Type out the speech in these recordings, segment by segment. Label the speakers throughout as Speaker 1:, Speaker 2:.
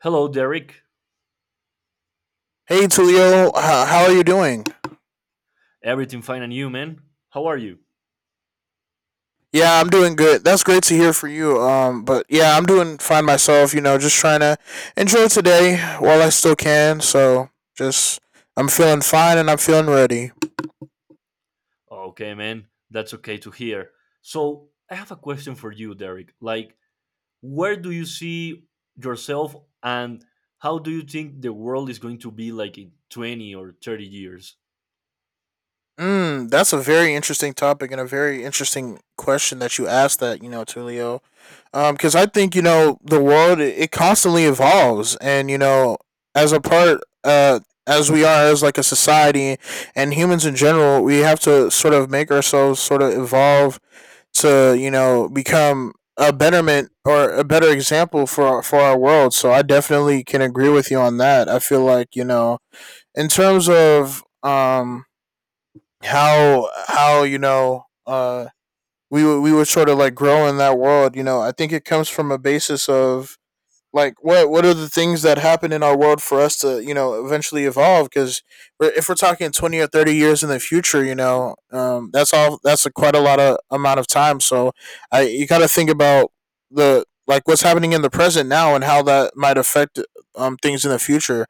Speaker 1: Hello, Derek.
Speaker 2: Hey Tulio, how are you doing?
Speaker 1: Everything fine and you, man? How are you?
Speaker 2: Yeah, I'm doing good. That's great to hear for you. But yeah, I'm doing fine myself. You know, just trying to enjoy today while I still can. So just I'm feeling fine and I'm feeling ready.
Speaker 1: Okay, man. That's okay to hear. So, I have a question for you, Derek. Like, where do you see yourself and how do you think the world is going to be like in 20 or 30 years?
Speaker 2: Mm, that's a very interesting topic and a very interesting question that you asked. That you know, Tulio. Because I think you know the world it constantly evolves, and you know as a part as we are as like a society and humans in general, we have to sort of make ourselves sort of evolve to you know become a betterment or a better example for our world. So I definitely can agree with you on that. I feel like you know in terms of how you know we were sort of like growing in that world. You know, I think it comes from a basis of like what are the things that happen in our world for us to you know eventually evolve? Because if we're talking 20 or 30 years in the future, you know, that's all that's a quite a lot of amount of time. So I you got to think about the like what's happening in the present now and how that might affect things in the future.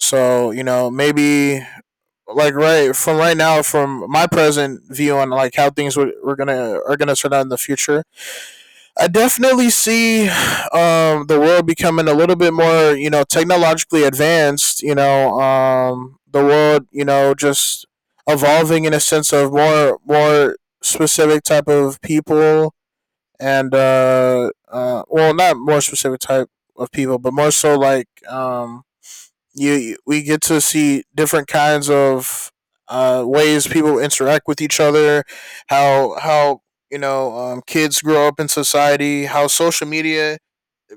Speaker 2: So you know maybe like right from right now from my present view on like how things were gonna are gonna turn out in the future I definitely see the world becoming a little bit more you know technologically advanced, you know. The world, you know, just evolving in a sense of more specific type of people, and well not more specific type of people but more so like, you, you we get to see different kinds of ways people interact with each other, how you know kids grow up in society, how social media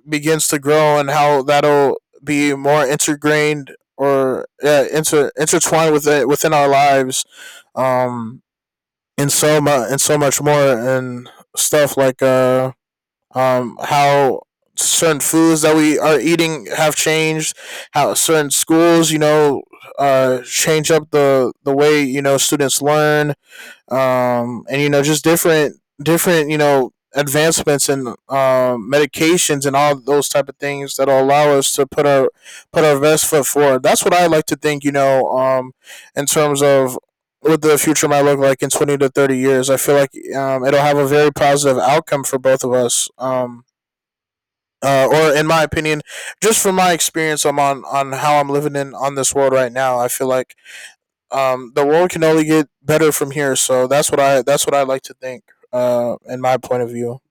Speaker 2: begins to grow, and how that'll be more integrated or intertwined with it within our lives, um, and so much more, and stuff like how certain foods that we are eating have changed, how certain schools, you know, change up the way, you know, students learn, and you know just different you know advancements and, medications and all those type of things that'll allow us to put our best foot forward. That's what I like to think, you know. In terms of what the future might look like in 20 to 30 years, I feel like it'll have a very positive outcome for both of us. Or in my opinion, just from my experience, I'm on how I'm living in on this world right now. I feel like the world can only get better from here. So that's what I like to think. In my point of view.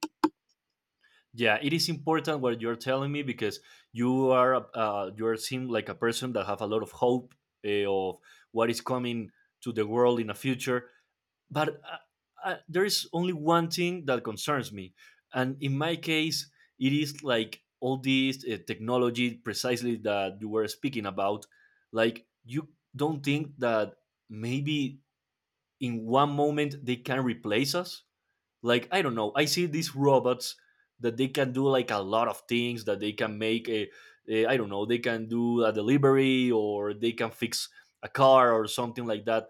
Speaker 1: Yeah, it is important what you're telling me because you are seem like a person that have a lot of hope, of what is coming to the world in the future. But there is only one thing that concerns me, and in my case it is like all this technology precisely that you were speaking about. Like, you don't think that maybe in one moment they can replace us? Like, I don't know, I see these robots that they can do like a lot of things, that they can make a, I don't know, they can do a delivery or they can fix a car or something like that.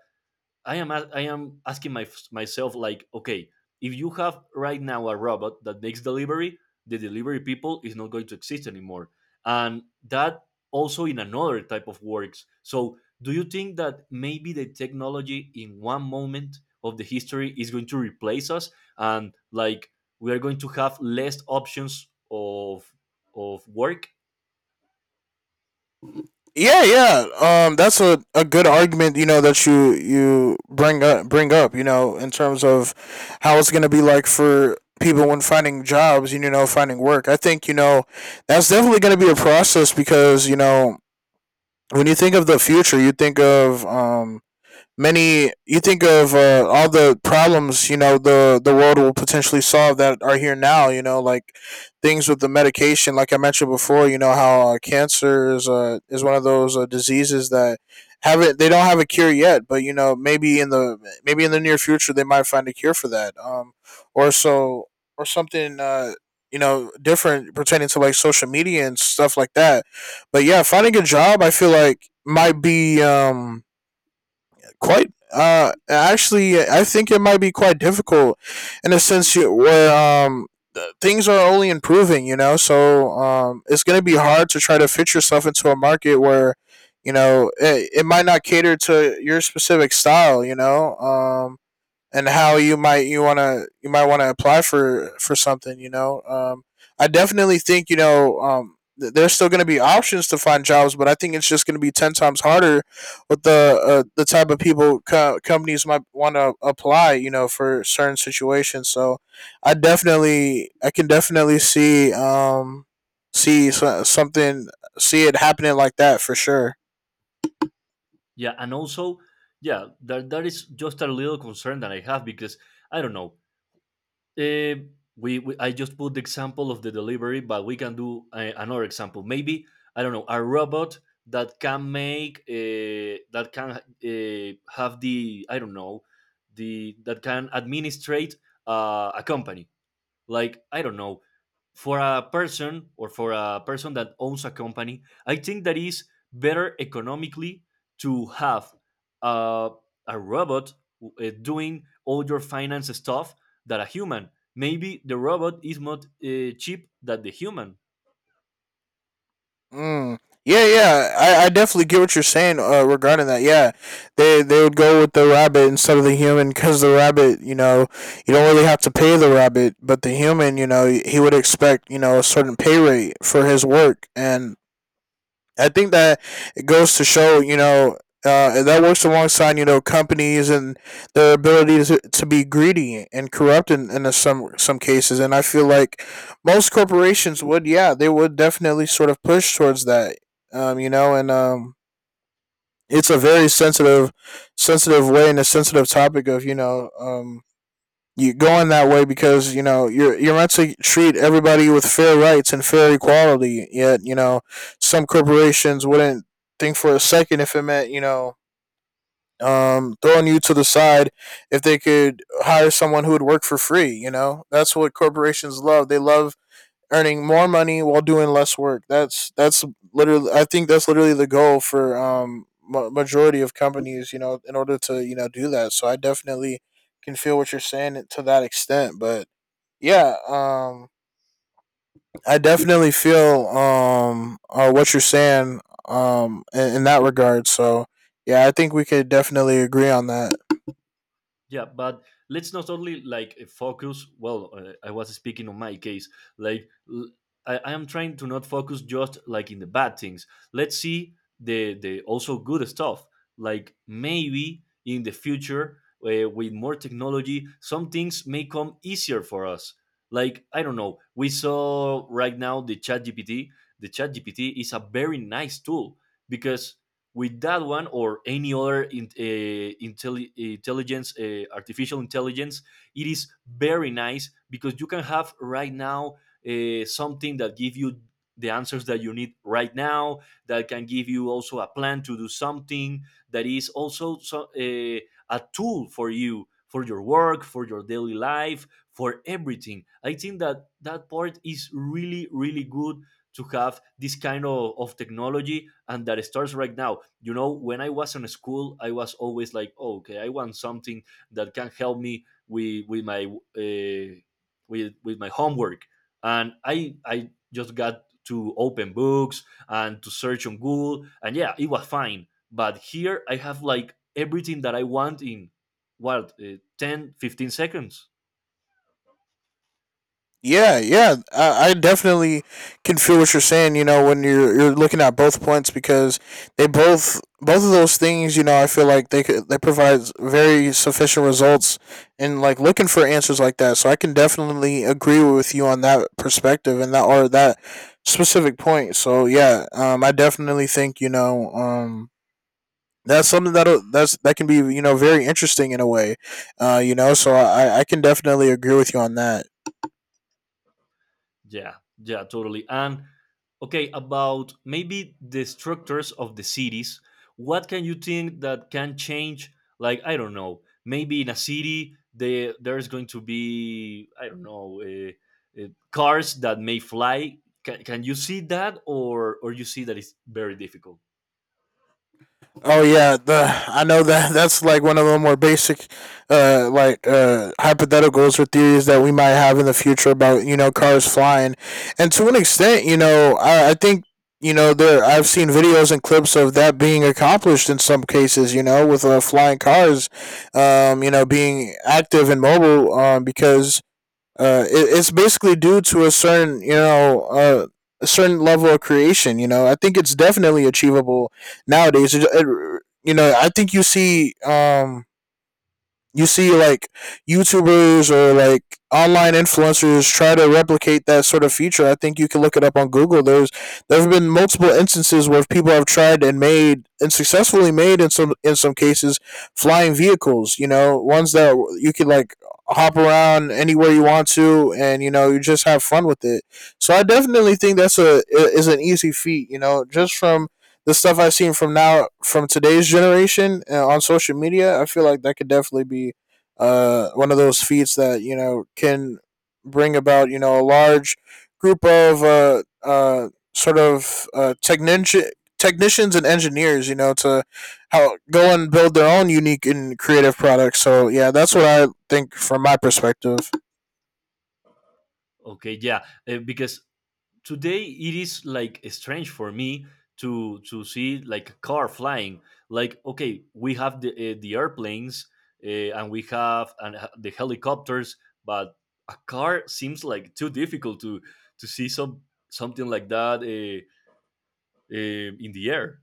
Speaker 1: I am asking myself like, okay, if you have right now a robot that makes delivery, the delivery people is not going to exist anymore, and that also in another type of works. So, do you think that maybe the technology in one moment of the history is going to replace us, and like we are going to have less options of work?
Speaker 2: Yeah, yeah. That's a good argument. You know that you bring up. You know in terms of how it's gonna be like for people when finding jobs. You know, finding work. I think you know that's definitely gonna be a process because you know when you think of the future, you think of many you think of all the problems, you know, the world will potentially solve that are here now, you know, like things with the medication like I mentioned before. You know how, cancer is, is one of those diseases that haven't they don't have a cure yet, but you know maybe in the near future they might find a cure for that, or so or something you know, different pertaining to like social media and stuff like that. But yeah, finding a job I feel like might be, quite actually I think it might be quite difficult in a sense where, things are only improving, you know. So it's going to be hard to try to fit yourself into a market where you know it might not cater to your specific style, you know. And how you might you want to you might want to apply for something, you know. I definitely think you know there's still going to be options to find jobs, but I think it's just going to be 10 times harder with the, the type of people companies might want to apply, you know, for certain situations. So I definitely I can definitely see see so- something see it happening like that for sure.
Speaker 1: Yeah, and also, yeah, that is just a little concern that I have because I don't know. Uh, we I just put the example of the delivery, but we can do another example. Maybe, I don't know, a robot that can make that can have the, I don't know, the that can administrate a company. Like, I don't know, for a person, or for a person that owns a company, I think that is better economically to have uh, a robot doing all your finance stuff than a human. Maybe the robot is not cheap than the human.
Speaker 2: Mm. Yeah, yeah. I definitely get what you're saying, regarding that. Yeah, they would go with the rabbit instead of the human because the rabbit, you know, you don't really have to pay the rabbit, but the human, you know, he would expect you know a certain pay rate for his work. And I think that it goes to show, you know, that works alongside, you know, companies and their ability to be greedy and corrupt in some cases. And I feel like most corporations would, yeah, they would definitely sort of push towards that, you know. And it's a very sensitive, sensitive way and a sensitive topic of, you know, you're going that way because you know you're meant to treat everybody with fair rights and fair equality. Yet you know some corporations wouldn't think for a second if it meant, you know, throwing you to the side if they could hire someone who would work for free. You know that's what corporations love. They love earning more money while doing less work. That's literally the goal for majority of companies, you know, in order to, you know, do that. So I definitely can feel what you're saying to that extent. But yeah, I definitely feel what you're saying in that regard. So yeah, I think we could definitely agree on that.
Speaker 1: Yeah, but let's not only like focus. Well, I was speaking on my case. Like l- I am trying to not focus just like in the bad things. Let's see the also good stuff. Like, maybe in the future, with more technology, some things may come easier for us. Like, I don't know. We saw right now the Chat GPT. The Chat GPT is a very nice tool because with that one or any other intelligence, artificial intelligence, it is very nice because you can have right now something that gives you the answers that you need right now, that can give you also a plan to do something, that is also so, a tool for you, for your work, for your daily life, for everything. I think that that part is really, really good to have this kind of technology, and that starts right now. You know, when I was in school I was always like, oh, okay, I want something that can help me with my with my homework, and I just got to open books and to search on Google, and yeah, it was fine, but here I have like everything that I want in what, 10 15 seconds.
Speaker 2: Yeah, yeah, I definitely can feel what you're saying. You know, when you're looking at both points because they both of those things, you know, I feel like they provide very sufficient results and like looking for answers like that. So I can definitely agree with you on that perspective and that specific point. So yeah, I definitely think you know that's something that that can be, you know, very interesting in a way. You know, so I can definitely agree with you on that.
Speaker 1: Yeah, yeah, totally. And okay, about maybe the structures of the cities, what can you think that can change? Like, I don't know, maybe in a city, there's going to be, I don't know, cars that may fly. Can you see that, or you see that it's very difficult?
Speaker 2: Oh yeah, the I know that that's like one of the more basic, hypotheticals or theories that we might have in the future about you know cars flying, and to an extent, you know, I think you know there I've seen videos and clips of that being accomplished in some cases, you know, with, flying cars, you know, being active and mobile. It's basically due to a certain, you know, a certain level of creation. You know, I think it's definitely achievable nowadays. You know, I think you see, you see like YouTubers or like online influencers try to replicate that sort of feature. I think you can look it up on Google. There have been multiple instances where people have tried and made and successfully made in some cases flying vehicles. You know, ones that you could like hop around anywhere you want to, and you know you just have fun with it. So I definitely think that's a is an easy feat. You know, just from the stuff I've seen from now from today's generation, on social media, I feel like that could definitely be one of those feats that you know can bring about you know a large group of sort of technicians and engineers, you know, to how go and build their own unique and creative products. So yeah, that's what I think from my perspective.
Speaker 1: Okay, yeah, because today it is like strange for me to see like a car flying. Like, okay, we have the, the airplanes, and we have and the helicopters, but a car seems like too difficult to see something like that, uh, in the air.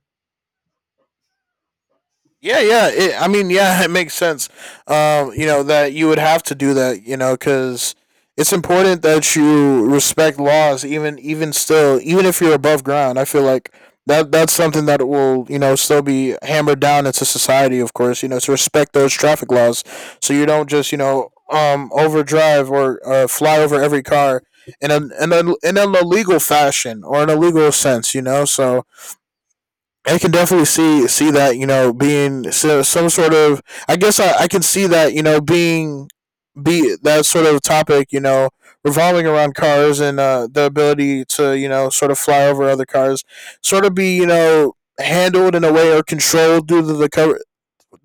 Speaker 2: Yeah, yeah. I mean, yeah, it makes sense. You know that you would have to do that. You know, because it's important that you respect laws, even still, even if you're above ground. I feel like that's something that will, you know, still be hammered down into society. Of course, you know, to respect those traffic laws, so you don't just you know overdrive or, fly over every car in an illegal fashion or an illegal sense. You know, so I can definitely see that, you know, being some sort of. I guess I can see that you know being be that sort of topic you know revolving around cars and the ability to you know sort of fly over other cars, sort of be you know handled in a way or controlled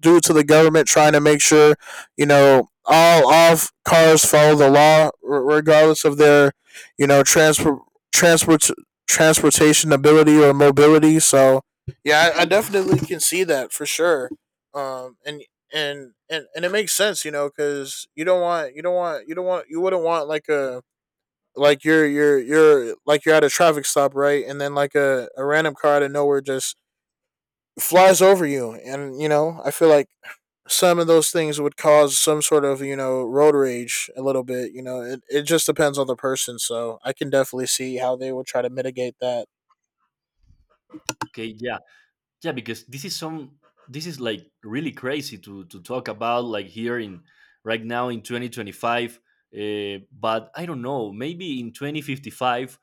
Speaker 2: due to the government trying to make sure you know all cars follow the law regardless of their you know transport transportation ability or mobility. So yeah, I definitely can see that for sure. Um, and and and it makes sense, you know, because you don't want you don't want you don't want you wouldn't want like a like you're like you're at a traffic stop, right? And then like a random car out of nowhere just flies over you, and you know, I feel like some of those things would cause some sort of, you know, road rage a little bit. It just depends on the person, so I can definitely see how they would try to mitigate that.
Speaker 1: Okay, yeah, yeah, because this is some, this is like really crazy to talk about, like here in, right now in 2025. But I don't know, maybe in 2055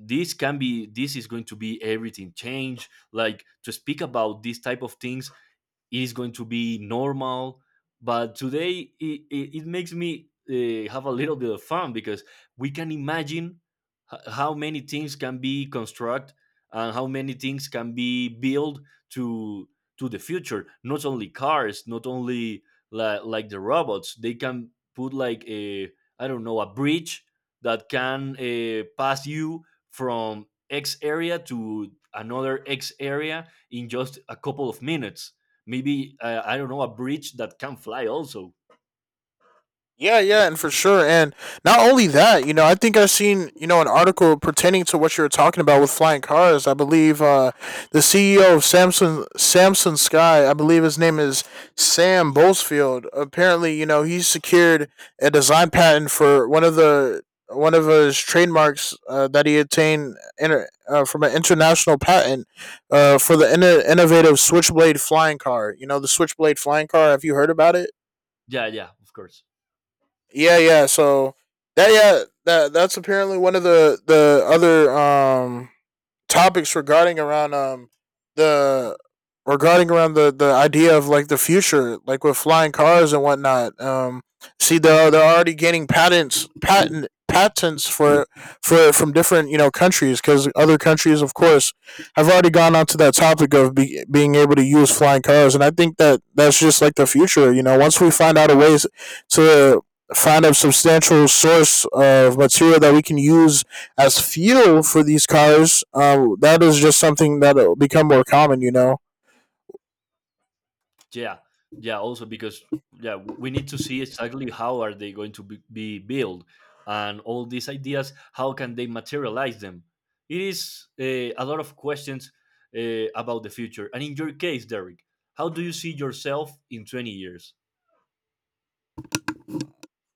Speaker 1: this can be, this is going to be everything change. Like to speak about these type of things it is going to be normal. But today it makes me have a little bit of fun because we can imagine how many things can be construct and how many things can be built to the future. Not only cars, not only like the robots, they can put like a, I don't know, a bridge that can pass you from X area to another X area in just a couple of minutes. Maybe, I don't know, a bridge that can fly also.
Speaker 2: Yeah, yeah, and for sure. And not only that, you know, I think I've seen, you know, an article pertaining to what you were talking about with flying cars. I believe the CEO of Samsung Sky, I believe his name is Sam Bolsfield. Apparently, you know, he secured a design patent for one of his trademarks that he obtained from an international patent for the innovative Switchblade flying car. You know, the Switchblade flying car. Have you heard about it?
Speaker 1: Yeah, yeah, of course.
Speaker 2: Yeah, yeah. So that that's apparently one of the other topics regarding around the regarding around the idea of like the future, like with flying cars and whatnot. See, they're already getting patents for from different you know countries, because other countries, of course, have already gone onto that topic of being able to use flying cars. And I think that that's just like the future. You know, once we find out a ways to find a substantial source of material that we can use as fuel for these cars, that is just something that'll become more common. You know.
Speaker 1: Yeah, yeah. Also because, yeah, we need to see exactly how are they going to be built, and all these ideas. How can they materialize them? It is a lot of questions about the future. And in your case, Derek, how do you see yourself in 20 years?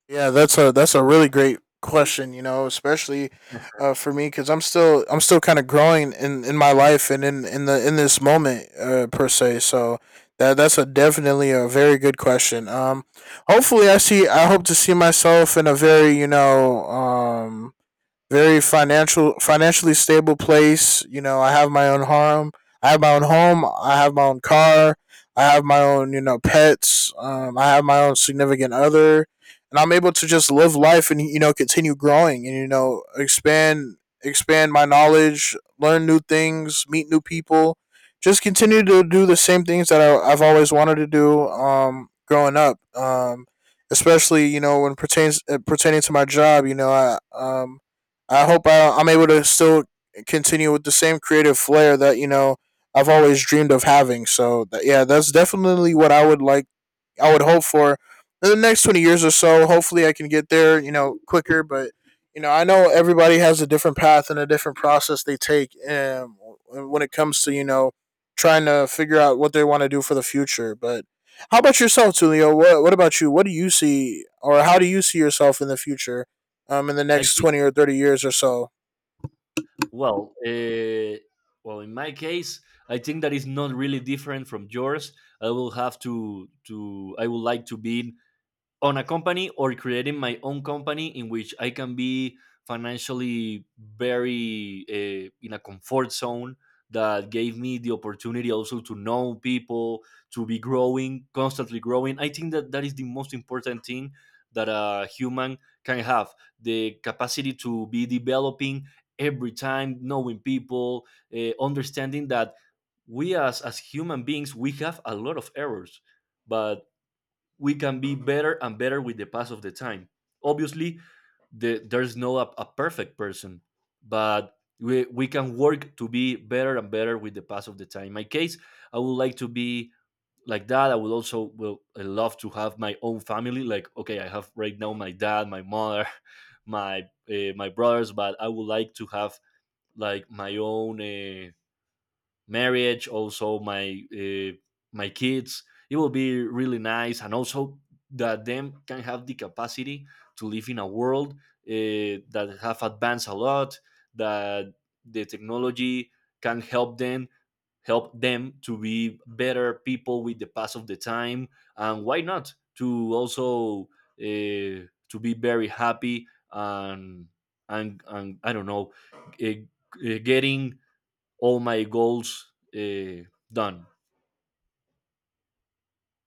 Speaker 2: Yeah, that's a really great question. You know, especially for me, because I'm still kind of growing in my life and in the in this moment per se. So that's a definitely a very good question. Hopefully I see I hope to see myself in a very very financially stable place. You know, I have my own home. I have my own home. I have my own car. I have my own, you know, pets. I have my own significant other, and I'm able to just live life and you know continue growing and you know expand my knowledge, learn new things, meet new people, just continue to do the same things that I've always wanted to do. Growing up, especially, you know, when pertains pertaining to my job, you know, I hope I'm able to still continue with the same creative flair that you know I've always dreamed of having. So yeah, that's definitely what I would like I would hope for in the next 20 years or so. Hopefully, I can get there, you know, quicker. But, you know, I know everybody has a different path and a different process they take, when it comes to, you know, trying to figure out what they want to do for the future. But how about yourself, Tulio? What about you? What do you see, or how do you see yourself in the future in the
Speaker 1: I
Speaker 2: next
Speaker 1: think,
Speaker 2: 20 or 30 years or so?
Speaker 1: well, well, in my case, I think that is not really different from yours. I will have to I would like to be on a company or creating my own company in which I can be financially very, in a comfort zone that gave me the opportunity also to know people, to be growing, constantly growing. I think that that is the most important thing that a human can have, the capacity to be developing every time, knowing people, understanding that we as human beings we have a lot of errors, but we can be better and better with the pass of the time. Obviously, there's no a, a perfect person, but we can work to be better and better with the pass of the time. In my case, I would like to be like that. I would also will I love to have my own family. Like, okay, I have right now my dad, my mother, my my brothers, but I would like to have like my own marriage, also my my kids. It will be really nice, and also that them can have the capacity to live in a world that have advanced a lot, that the technology can help them, to be better people with the pass of the time, and why not to also uh, to be very happy and and I don't know, getting all my goals done.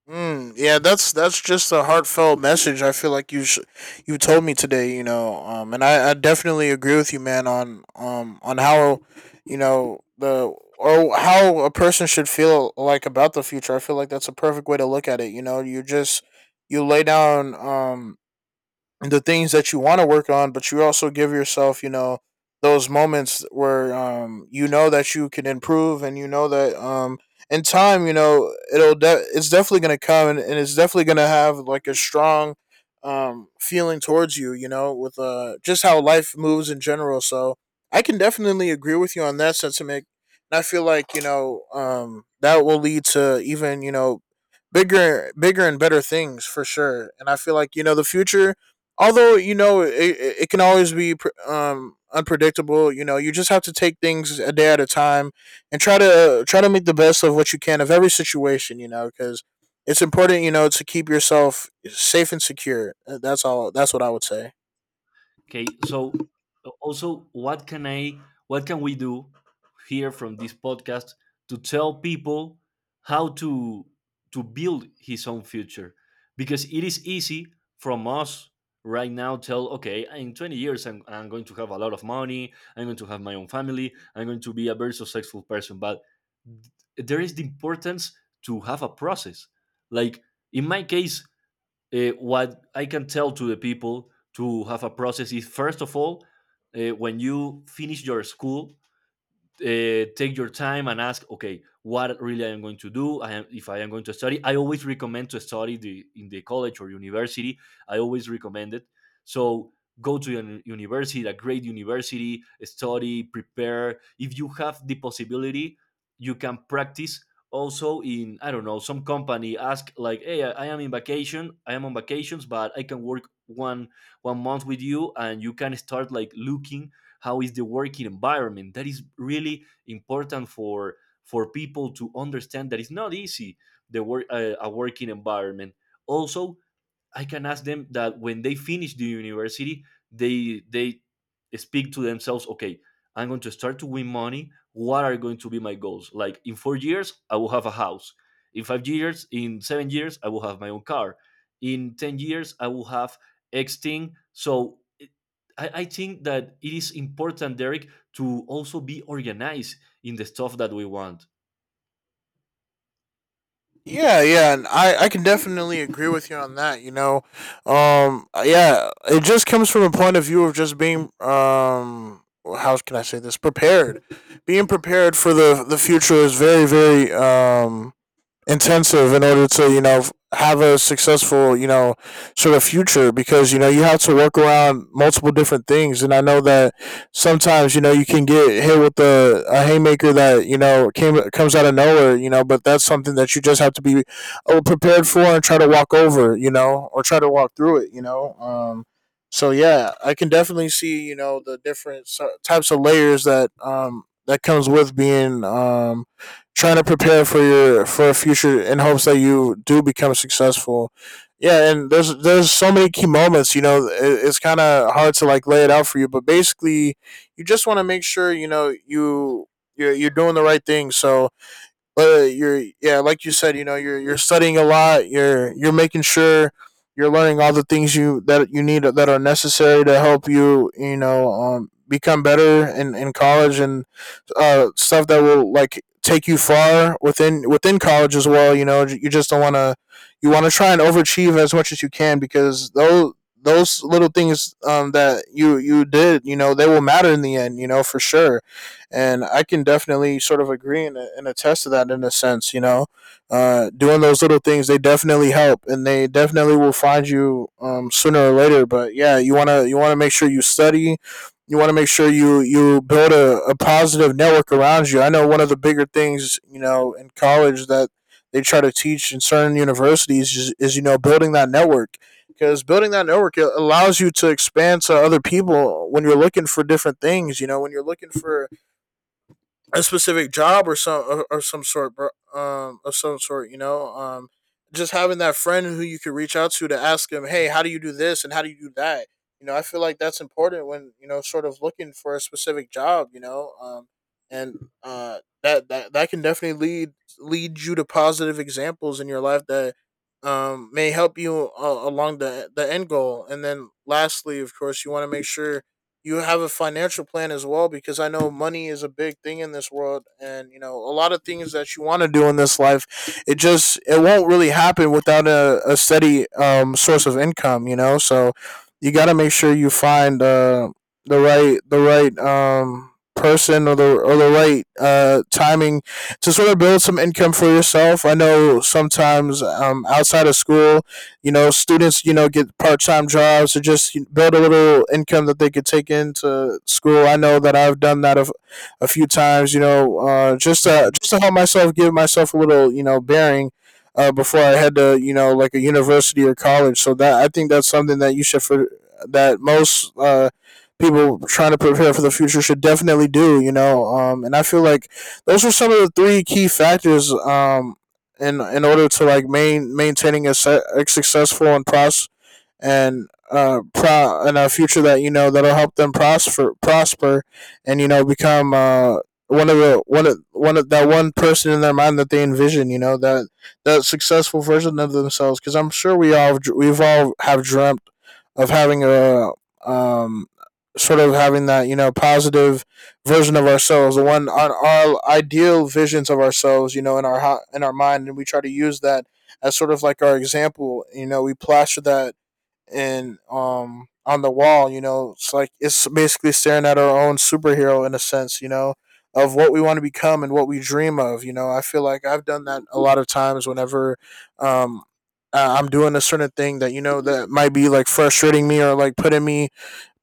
Speaker 2: Mm, yeah, that's just a heartfelt message. I feel like you told me today, you know, and I definitely agree with you, man, on how you know the or how a person should feel like about the future. I feel like that's a perfect way to look at it. You know, you lay down the things that you want to work on, but you also give yourself, you know, those moments where, you know that you can improve, and you know that, in time, you know, it's definitely gonna come, and it's definitely gonna have like a strong feeling towards you, you know, with just how life moves in general. So I can definitely agree with you on that sentiment. And I feel like you know, that will lead to even you know bigger and better things for sure. And I feel like you know the future, although you know it can always be, unpredictable, you know, you just have to take things a day at a time and try to make the best of what you can of every situation, you know, because it's important, you know, to keep yourself safe and secure. That's all that's what I would say.
Speaker 1: Okay, so also, what can I, what can we do here from this podcast to tell people how to build his own future? Because it is easy from us right now tell, okay, in 20 years I'm going to have a lot of money, I'm going to have my own family, I'm going to be a very successful person, but there is the importance to have a process. Like, in my case, what I can tell to the people to have a process is, first of all, when you finish your school, take your time and ask, okay, what really I am going to do. I am If I am going to study, I always recommend to study the in the college or university. I always recommend it. So, go to a university, a great university, study, prepare. If you have the possibility, you can practice also in, I don't know, some company. Ask like, hey, I am in vacation, I am on vacations, but I can work one month with you, and you can start like looking how is the working environment. That is really important for people to understand that it's not easy the work, a working environment. Also, I can ask them that when they finish the university, they speak to themselves, okay, I'm going to start to win money. What are going to be my goals? Like, in 4 years, I will have a house. In 5 years, in 7 years, I will have my own car. In 10 years, I will have X thing. I think that it is important, Derek, to also be organized in the stuff that we want.
Speaker 2: Yeah, yeah, and I can definitely agree with you on that, you know. Yeah, it just comes from a point of view of just being, well, how can I say this, prepared. Being prepared for the future is very intensive in order to, you know, have a successful, you know, sort of future, because you know you have to work around multiple different things. And I know that sometimes, you know, you can get hit with a haymaker that you know came comes out of nowhere, you know, but that's something that you just have to be prepared for and try to walk over, you know, or try to walk through it, you know. So yeah, I can definitely see, you know, the different types of layers that that comes with being, trying to prepare for your for a future in hopes that you do become successful. Yeah, and there's so many key moments. You know, it's kind of hard to like lay it out for you, but basically, you just want to make sure, you know, you're doing the right thing. So, you're yeah, like you said, you know, you're studying a lot. You're making sure you're learning all the things you that you need that are necessary to help you. You know, become better in college, and stuff that will like take you far within within college as well. You know, you just don't want to you want to try and overachieve as much as you can, because those little things, that you did, you know, they will matter in the end. You know, for sure. And I can definitely sort of agree and attest to that in a sense. You know, doing those little things, they definitely help, and they definitely will find you, sooner or later. But yeah, you wanna make sure you study. You want to make sure you build a positive network around you. I know one of the bigger things, you know, in college, that they try to teach in certain universities, is, you know, building that network, because building that network allows you to expand to other people when you're looking for different things. You know, when you're looking for a specific job, or some or some sort, of some sort, you know, just having that friend who you could reach out to ask them, hey, how do you do this, and how do you do that? You know, I feel like that's important when, you know, sort of looking for a specific job, you know. And that can definitely lead you to positive examples in your life that may help you along the end goal. And then lastly, of course, you want to make sure you have a financial plan as well, because I know money is a big thing in this world, and you know a lot of things that you want to do in this life, it just it won't really happen without a steady, source of income. You know, so you got to make sure you find the right person, or the right, timing, to sort of build some income for yourself. I know sometimes, outside of school, you know, students, you know, get part time jobs, or just build a little income that they could take into school. I know that I've done that a few times, you know, just to help myself, give myself a little, you know, bearing. Before I had to, you know, like a university or college, so that I think that's something that you should for that most people trying to prepare for the future should definitely do, you know. And I feel like those are some of the three key factors in order to like maintaining a successful and process and and a future that, you know, that'll help them prosper and, you know, become one of the one of that one person in their mind that they envision, you know, that successful version of themselves, because I'm sure we've all have dreamt of having a um sort of having that, you know, positive version of ourselves, the one on our ideal visions of ourselves, you know, in our mind, and we try to use that as sort of like our example. You know, we plaster that and on the wall. You know, it's like it's basically staring at our own superhero in a sense, you know, of what we want to become and what we dream of. You know, I feel like I've done that a lot of times whenever um I'm doing a certain thing that, you know, that might be like frustrating me, or like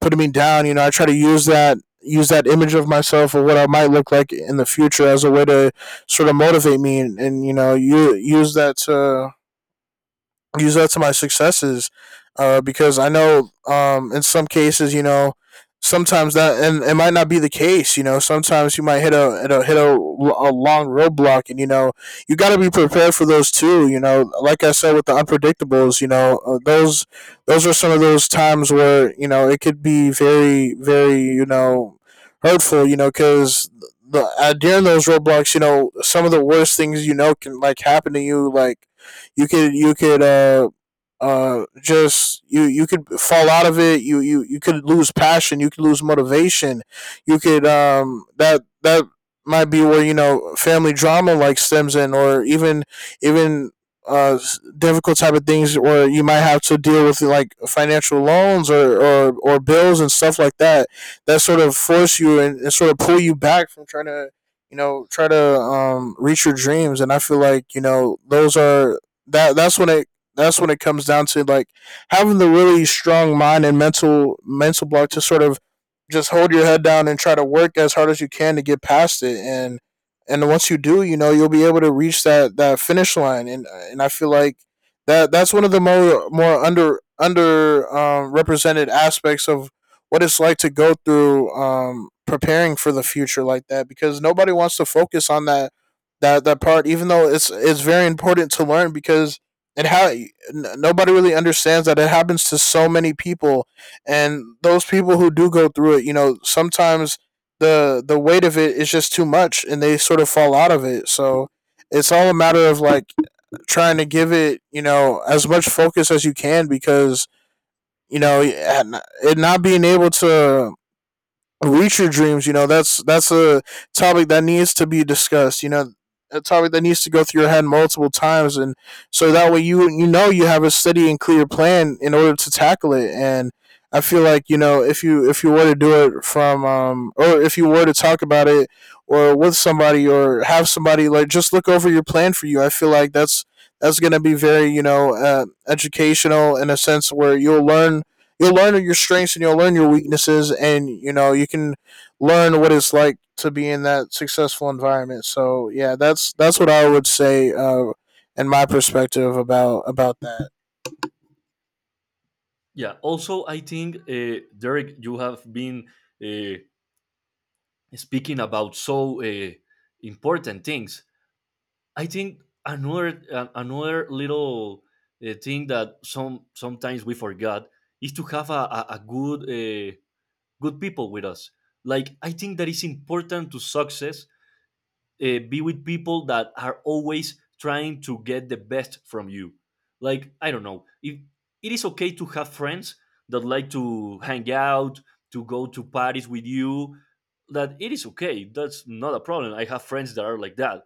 Speaker 2: putting me down. You know, I try to use that, use that image of myself or what I might look like in the future as a way to sort of motivate me, and you know, you use that to my successes. Because I know, in some cases, you know, sometimes that and it might not be the case. You know, sometimes you might hit a long roadblock, and, you know, you got to be prepared for those too. You know, like I said with the unpredictables, you know, those are some of those times where, you know, it could be very, very, you know, hurtful. You know, because the during those roadblocks, you know, some of the worst things, you know, can like happen to you. Like, you could just you could fall out of it. You you could lose passion, you could lose motivation, you could that might be where, you know, family drama like stems in, or even uh difficult type of things where you might have to deal with like financial loans, or bills and stuff like that, that sort of force you, and sort of pull you back from trying to, you know, try to reach your dreams. And I feel like, you know, those are that's when it, that's when it comes down to like having the really strong mind and mental block to sort of just hold your head down and try to work as hard as you can to get past it, and once you do, you know, you'll be able to reach that finish line. And I feel like that's one of the more under represented aspects of what it's like to go through, preparing for the future like that, because nobody wants to focus on that, that part, even though it's very important to learn, because nobody really understands that it happens to so many people, and those people who do go through it, you know, sometimes the weight of it is just too much, and they sort of fall out of it. So it's all a matter of like trying to give it, you know, as much focus as you can, because, you know, it not being able to reach your dreams, you know, that's a topic that needs to be discussed, you know, a topic that needs to go through your head multiple times, and so that way you, you know, you have a steady and clear plan in order to tackle it. And I feel like, you know, if you were to do it from or if you were to talk about it or with somebody, or have somebody like just look over your plan for you, I feel like that's going to be very, you know, educational in a sense where you'll learn your strengths, and you'll learn your weaknesses, and, you know, you can learn what it's like to be in that successful environment. So yeah, that's what I would say, in my perspective about that.
Speaker 1: Yeah. Also, I think, Derek, you have been uh, speaking about so, important things. I think another, another little thing that sometimes we forgot is to have a good, good people with us. Like, I think that is important to success. Be with people that are always trying to get the best from you. Like, I don't know, if it is okay to have friends that like to hang out, to go to parties with you, that it is okay. That's not a problem. I have friends that are like that,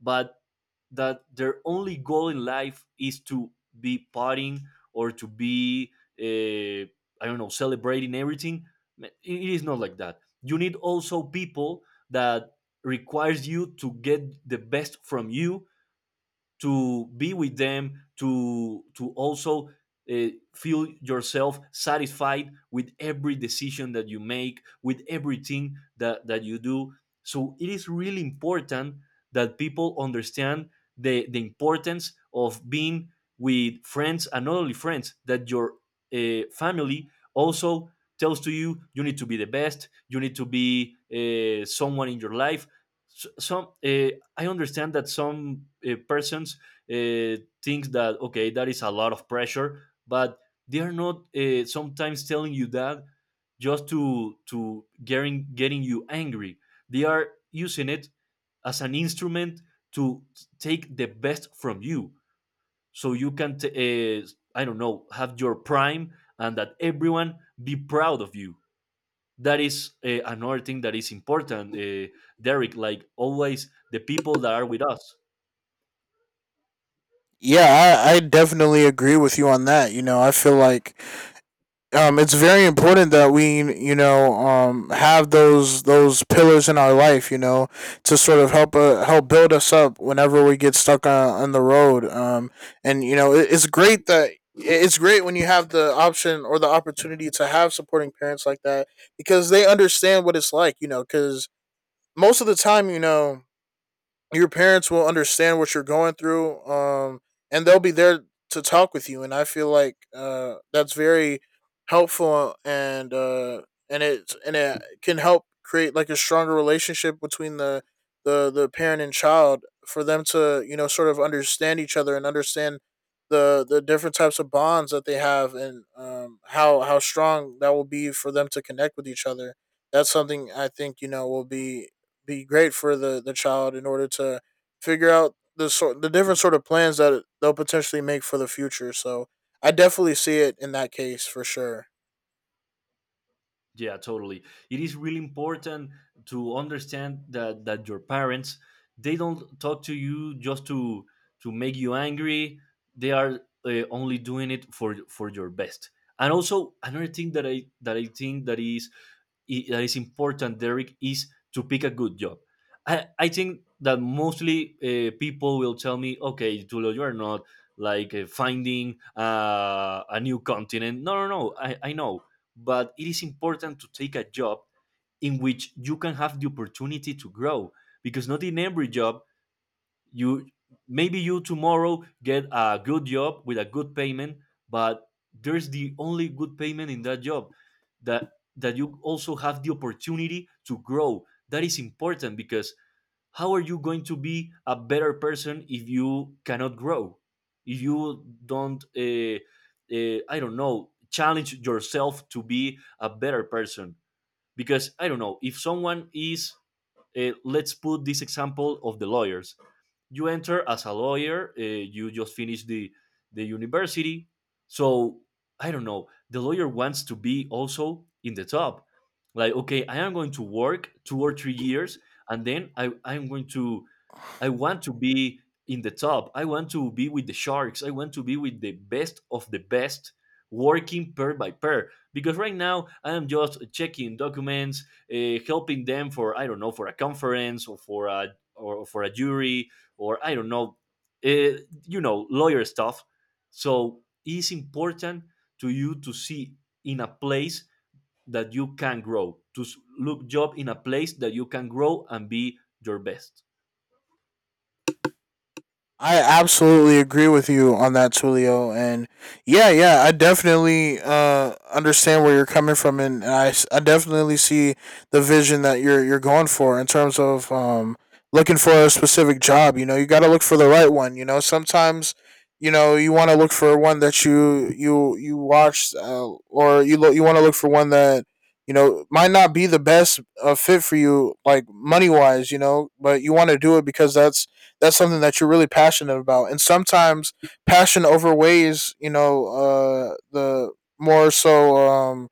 Speaker 1: but that their only goal in life is to be partying or to be, uh, I don't know, celebrating everything. It is not like that. You need also people that requires you to get the best from you to be with them to also uh, feel yourself satisfied with every decision that you make with everything that you do, so it is really important that people understand the importance of being with friends. And not only friends, that your family also tells to you, you need to be the best, you need to be someone in your life. S- some I understand that some persons uh, think that, okay, that is a lot of pressure, but they are not, sometimes telling you that just to getting you angry. They are using it as an instrument to take the best from you, so you can I don't know, have your prime and that everyone be proud of you. That is another thing that is important, Derek, like always the people that are with us.
Speaker 2: Yeah, I definitely agree with you on that. You know, I feel like, it's very important that we, you know, have those pillars in our life, you know, to sort of help help build us up whenever we get stuck on the road. And you know, it's great that it's great when you have the option or the opportunity to have supporting parents like that, because they understand what it's like, you know, because most of the time, you know, your parents will understand what you're going through, and they'll be there to talk with you. And I feel like that's very helpful, and and it can help create like a stronger relationship between the the parent and child for them to, you know, sort of understand each other, and understand the different types of bonds that they have, and how strong that will be for them to connect with each other. That's something I think, you know, will be great for the child in order to figure out the different sort of plans that they'll potentially make for the future. So I definitely see it in that case for sure.
Speaker 1: Yeah, totally. It is really important to understand that your parents, they don't talk to you just to make you angry. They are only doing it for your best. And also another thing that I think that is that is important, Derek, is to pick a good job. I think that mostly people will tell me, okay, Tulio, you are not like finding a new continent. No, no, no. I know, but it is important to take a job in which you can have the opportunity to grow, because not in every job you, maybe you tomorrow get a good job with a good payment, but there's the only good payment in that job, that that you also have the opportunity to grow. That is important because how are you going to be a better person if you cannot grow, if you don't I don't know, challenge yourself to be a better person? Because I don't know, if someone is, let's put this example of the lawyers. You enter as a lawyer, you just finish the university, so I don't know, the lawyer wants to be also in the top. Like, okay, I am going to work 2 or 3 years, and then I want to be in the top. I want to be with the sharks. I want to be with the best of the best, working pair by pair. Because right now I am just checking documents, helping them for, I don't know, for a conference or for a jury, or I don't know, you know, lawyer stuff. So it's important to you to see in a place that you can grow, to look job in a place that you can grow and be your best.
Speaker 2: I absolutely agree with you on that, Tulio. And yeah, yeah, I definitely understand where you're coming from, and I definitely see the vision that you're going for in terms of, looking for a specific job. You know, you got to look for the right one. You know, sometimes, you know, you want to look for one that you watch, or you want to look for one that, you know, might not be the best fit for you, like money wise. You know, but you want to do it because that's something that you're really passionate about. And sometimes passion overweighs, you know, the more so um,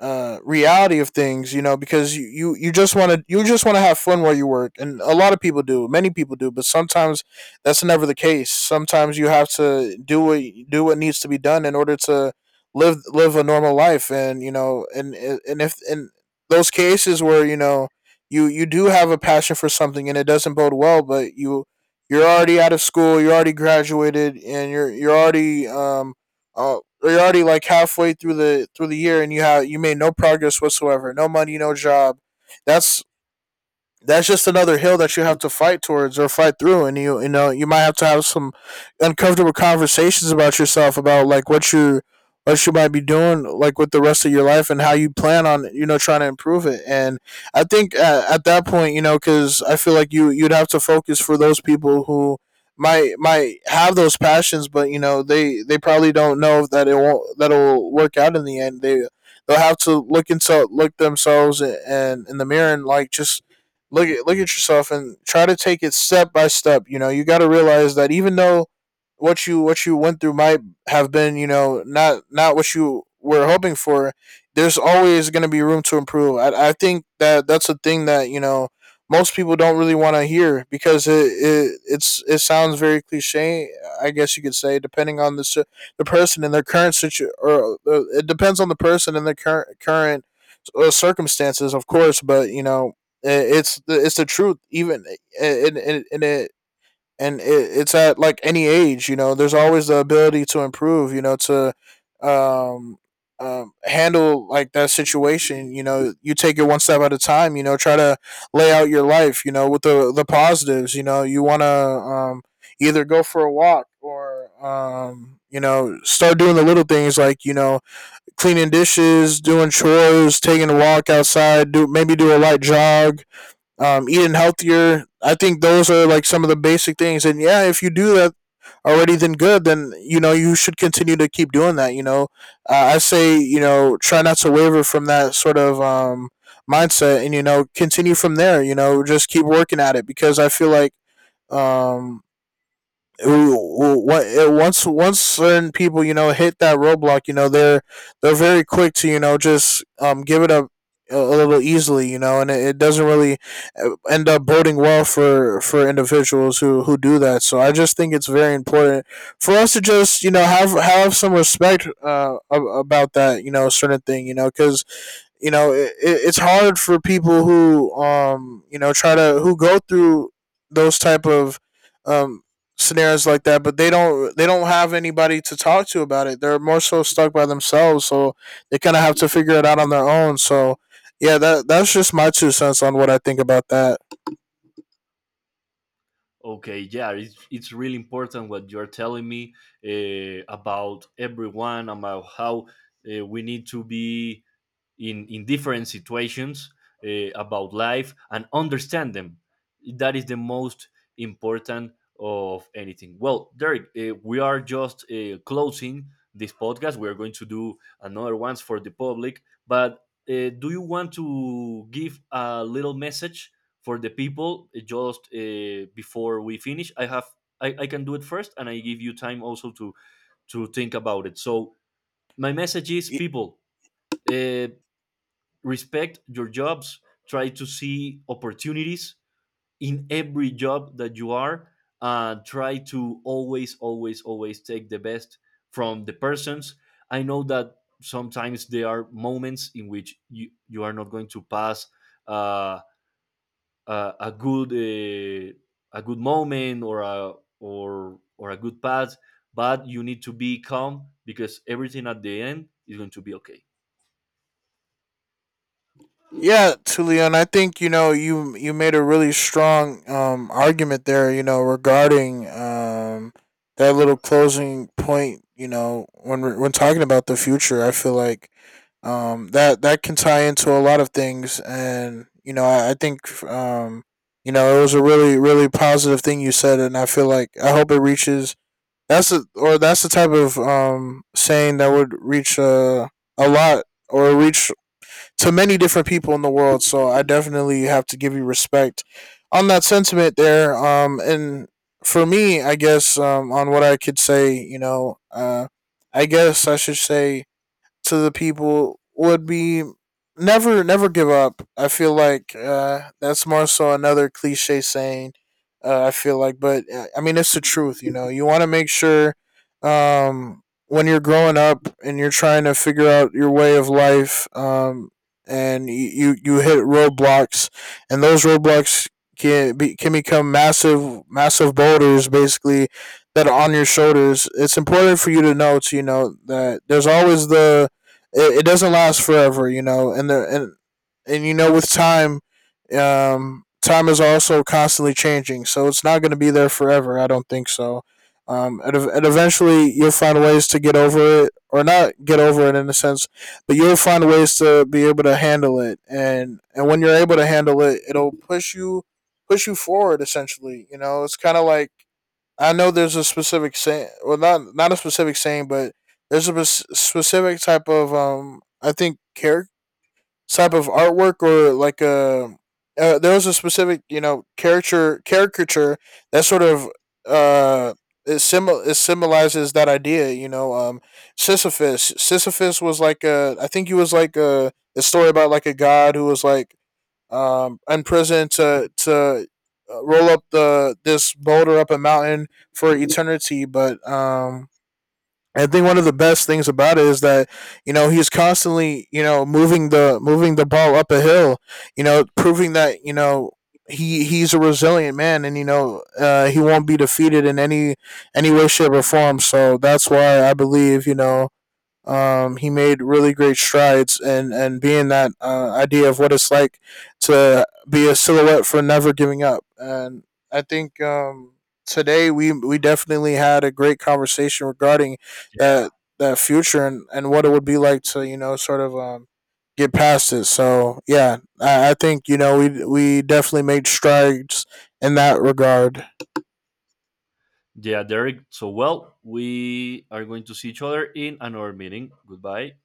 Speaker 2: uh, reality of things, you know, because you just want to you just want to have fun while you work, and a lot of people do, many people do, but sometimes that's never the case. Sometimes you have to do what needs to be done in order to live live a normal life, and you know, and if in those cases where, you know, you do have a passion for something and it doesn't bode well, but you're already out of school, you're already graduated, and uh, you're already like halfway through the year, and you have you made no progress whatsoever, no money, no job. that's that's just another hill that you have to fight towards or fight through, and you know, you might have to have some uncomfortable conversations about yourself, about like what you might be doing like with the rest of your life, and how you plan on, you know, trying to improve it. And I think at that point, you know, because I feel like you you'd have to focus for those people who might have those passions, but, you know, they probably don't know that it won't that it'll work out in the end. They they'll have to look into look themselves and in the mirror, and like just look at yourself and try to take it step by step. You know, you got to realize that even though what you went through might have been, you know, not what you were hoping for, there's always going to be room to improve. I think that that's a thing that, you know, most people don't really want to hear, because it sounds very cliche, I guess you could say, depending on the person and their current situ or it depends on the person and their current circumstances, of course. But, you know, it's the truth. Even and and and it and it, it's at like any age. You know, there's always the ability to improve. You know, to um handle like that situation. You know, you take it one step at a time. You know, try to lay out your life. You know, with the positives. You know, you want to either go for a walk or you know start doing the little things like you know cleaning dishes, doing chores, taking a walk outside, do maybe do a light jog, eating healthier. I think those are like some of the basic things. And yeah, if you do that already, then good. Then you know you should continue to keep doing that. You know, I say you know try not to waver from that sort of mindset, and you know continue from there. You know, just keep working at it because I feel like um, once certain people you know hit that roadblock. You know they're very quick to you know just give it up a little easily, you know. And it doesn't really end up boding well for individuals who do that. So I just think it's very important for us to just you know have some respect about that you know certain thing, you know, because you know it's hard for people who you know try to who go through those type of um scenarios like that. But they don't have anybody to talk to about it. They're more so stuck by themselves, so they kind of have to figure it out on their own. So yeah, that's just my two cents on what I think about that.
Speaker 1: Okay, yeah, it's really important what you're telling me, about everyone, about how we need to be in different situations, about life, and understand them. That is the most important of anything. Well, Derek, we are just closing this podcast, we are going to do another ones for the public, but do you want to give a little message for the people, just before we finish? I have, I can do it first, and I give you time also to think about it. So my message is,
Speaker 2: Y-
Speaker 1: people, uh, respect your jobs, try to see opportunities in every job that you are, try to always always always take the best from the persons. I know that sometimes there are moments in which you are not going to pass uh, uh, a good uh, a good moment or a or or a good pass, but you need to be calm because everything at the end is going to be okay.
Speaker 2: Yeah, Tulian, I think you know you made a really strong argument there. You know, regarding that little closing point. You know, when when talking about the future, I feel like that can tie into a lot of things. And you know, I think you know it was a really really positive thing you said, and I feel like I hope it reaches. That's or that's the type of saying that would reach a lot, or reach to many different people in the world. So I definitely have to give you respect on that sentiment there. And for me, I guess on what I could say, you know, I guess I should say to the people would be never never give up. I feel like that's more so another cliche saying. I feel like, but I mean, it's the truth. You know, you want to make sure um, when you're growing up and you're trying to figure out your way of life, and you hit roadblocks, and those roadblocks can become massive massive boulders, basically, that are on your shoulders. It's important for you to know, to you know that there's always it doesn't last forever, you know, and the and you know with time, time is also constantly changing, so it's not going to be there forever. I don't think so. And eventually you'll find ways to get over it, or not get over it in a sense, but you'll find ways to be able to handle it. And when you're able to handle it, it'll push you forward. Essentially, you know, it's kind of like I know there's a specific saying, well, not a specific saying, but there's a specific type of I think character type of artwork, or like a there was a specific you know character caricature that sort of uh it symbolizes that idea, you know. Sisyphus was like a I think he was like a story about like a god who was like and prison to roll up the this boulder up a mountain for eternity. But I think one of the best things about it is that you know he's constantly you know moving the ball up a hill, you know, proving that you know he's a resilient man, and you know he won't be defeated in any way, shape, or form. So that's why I believe you know he made really great strides, and being that idea of what it's like to be a silhouette for never giving up. And I think today we definitely had a great conversation regarding that that future, and what it would be like to you know sort of get past it. So yeah, I think you know we definitely made strides in that regard.
Speaker 1: Yeah, Derek. So, well, we are going to see each other in another meeting. Goodbye.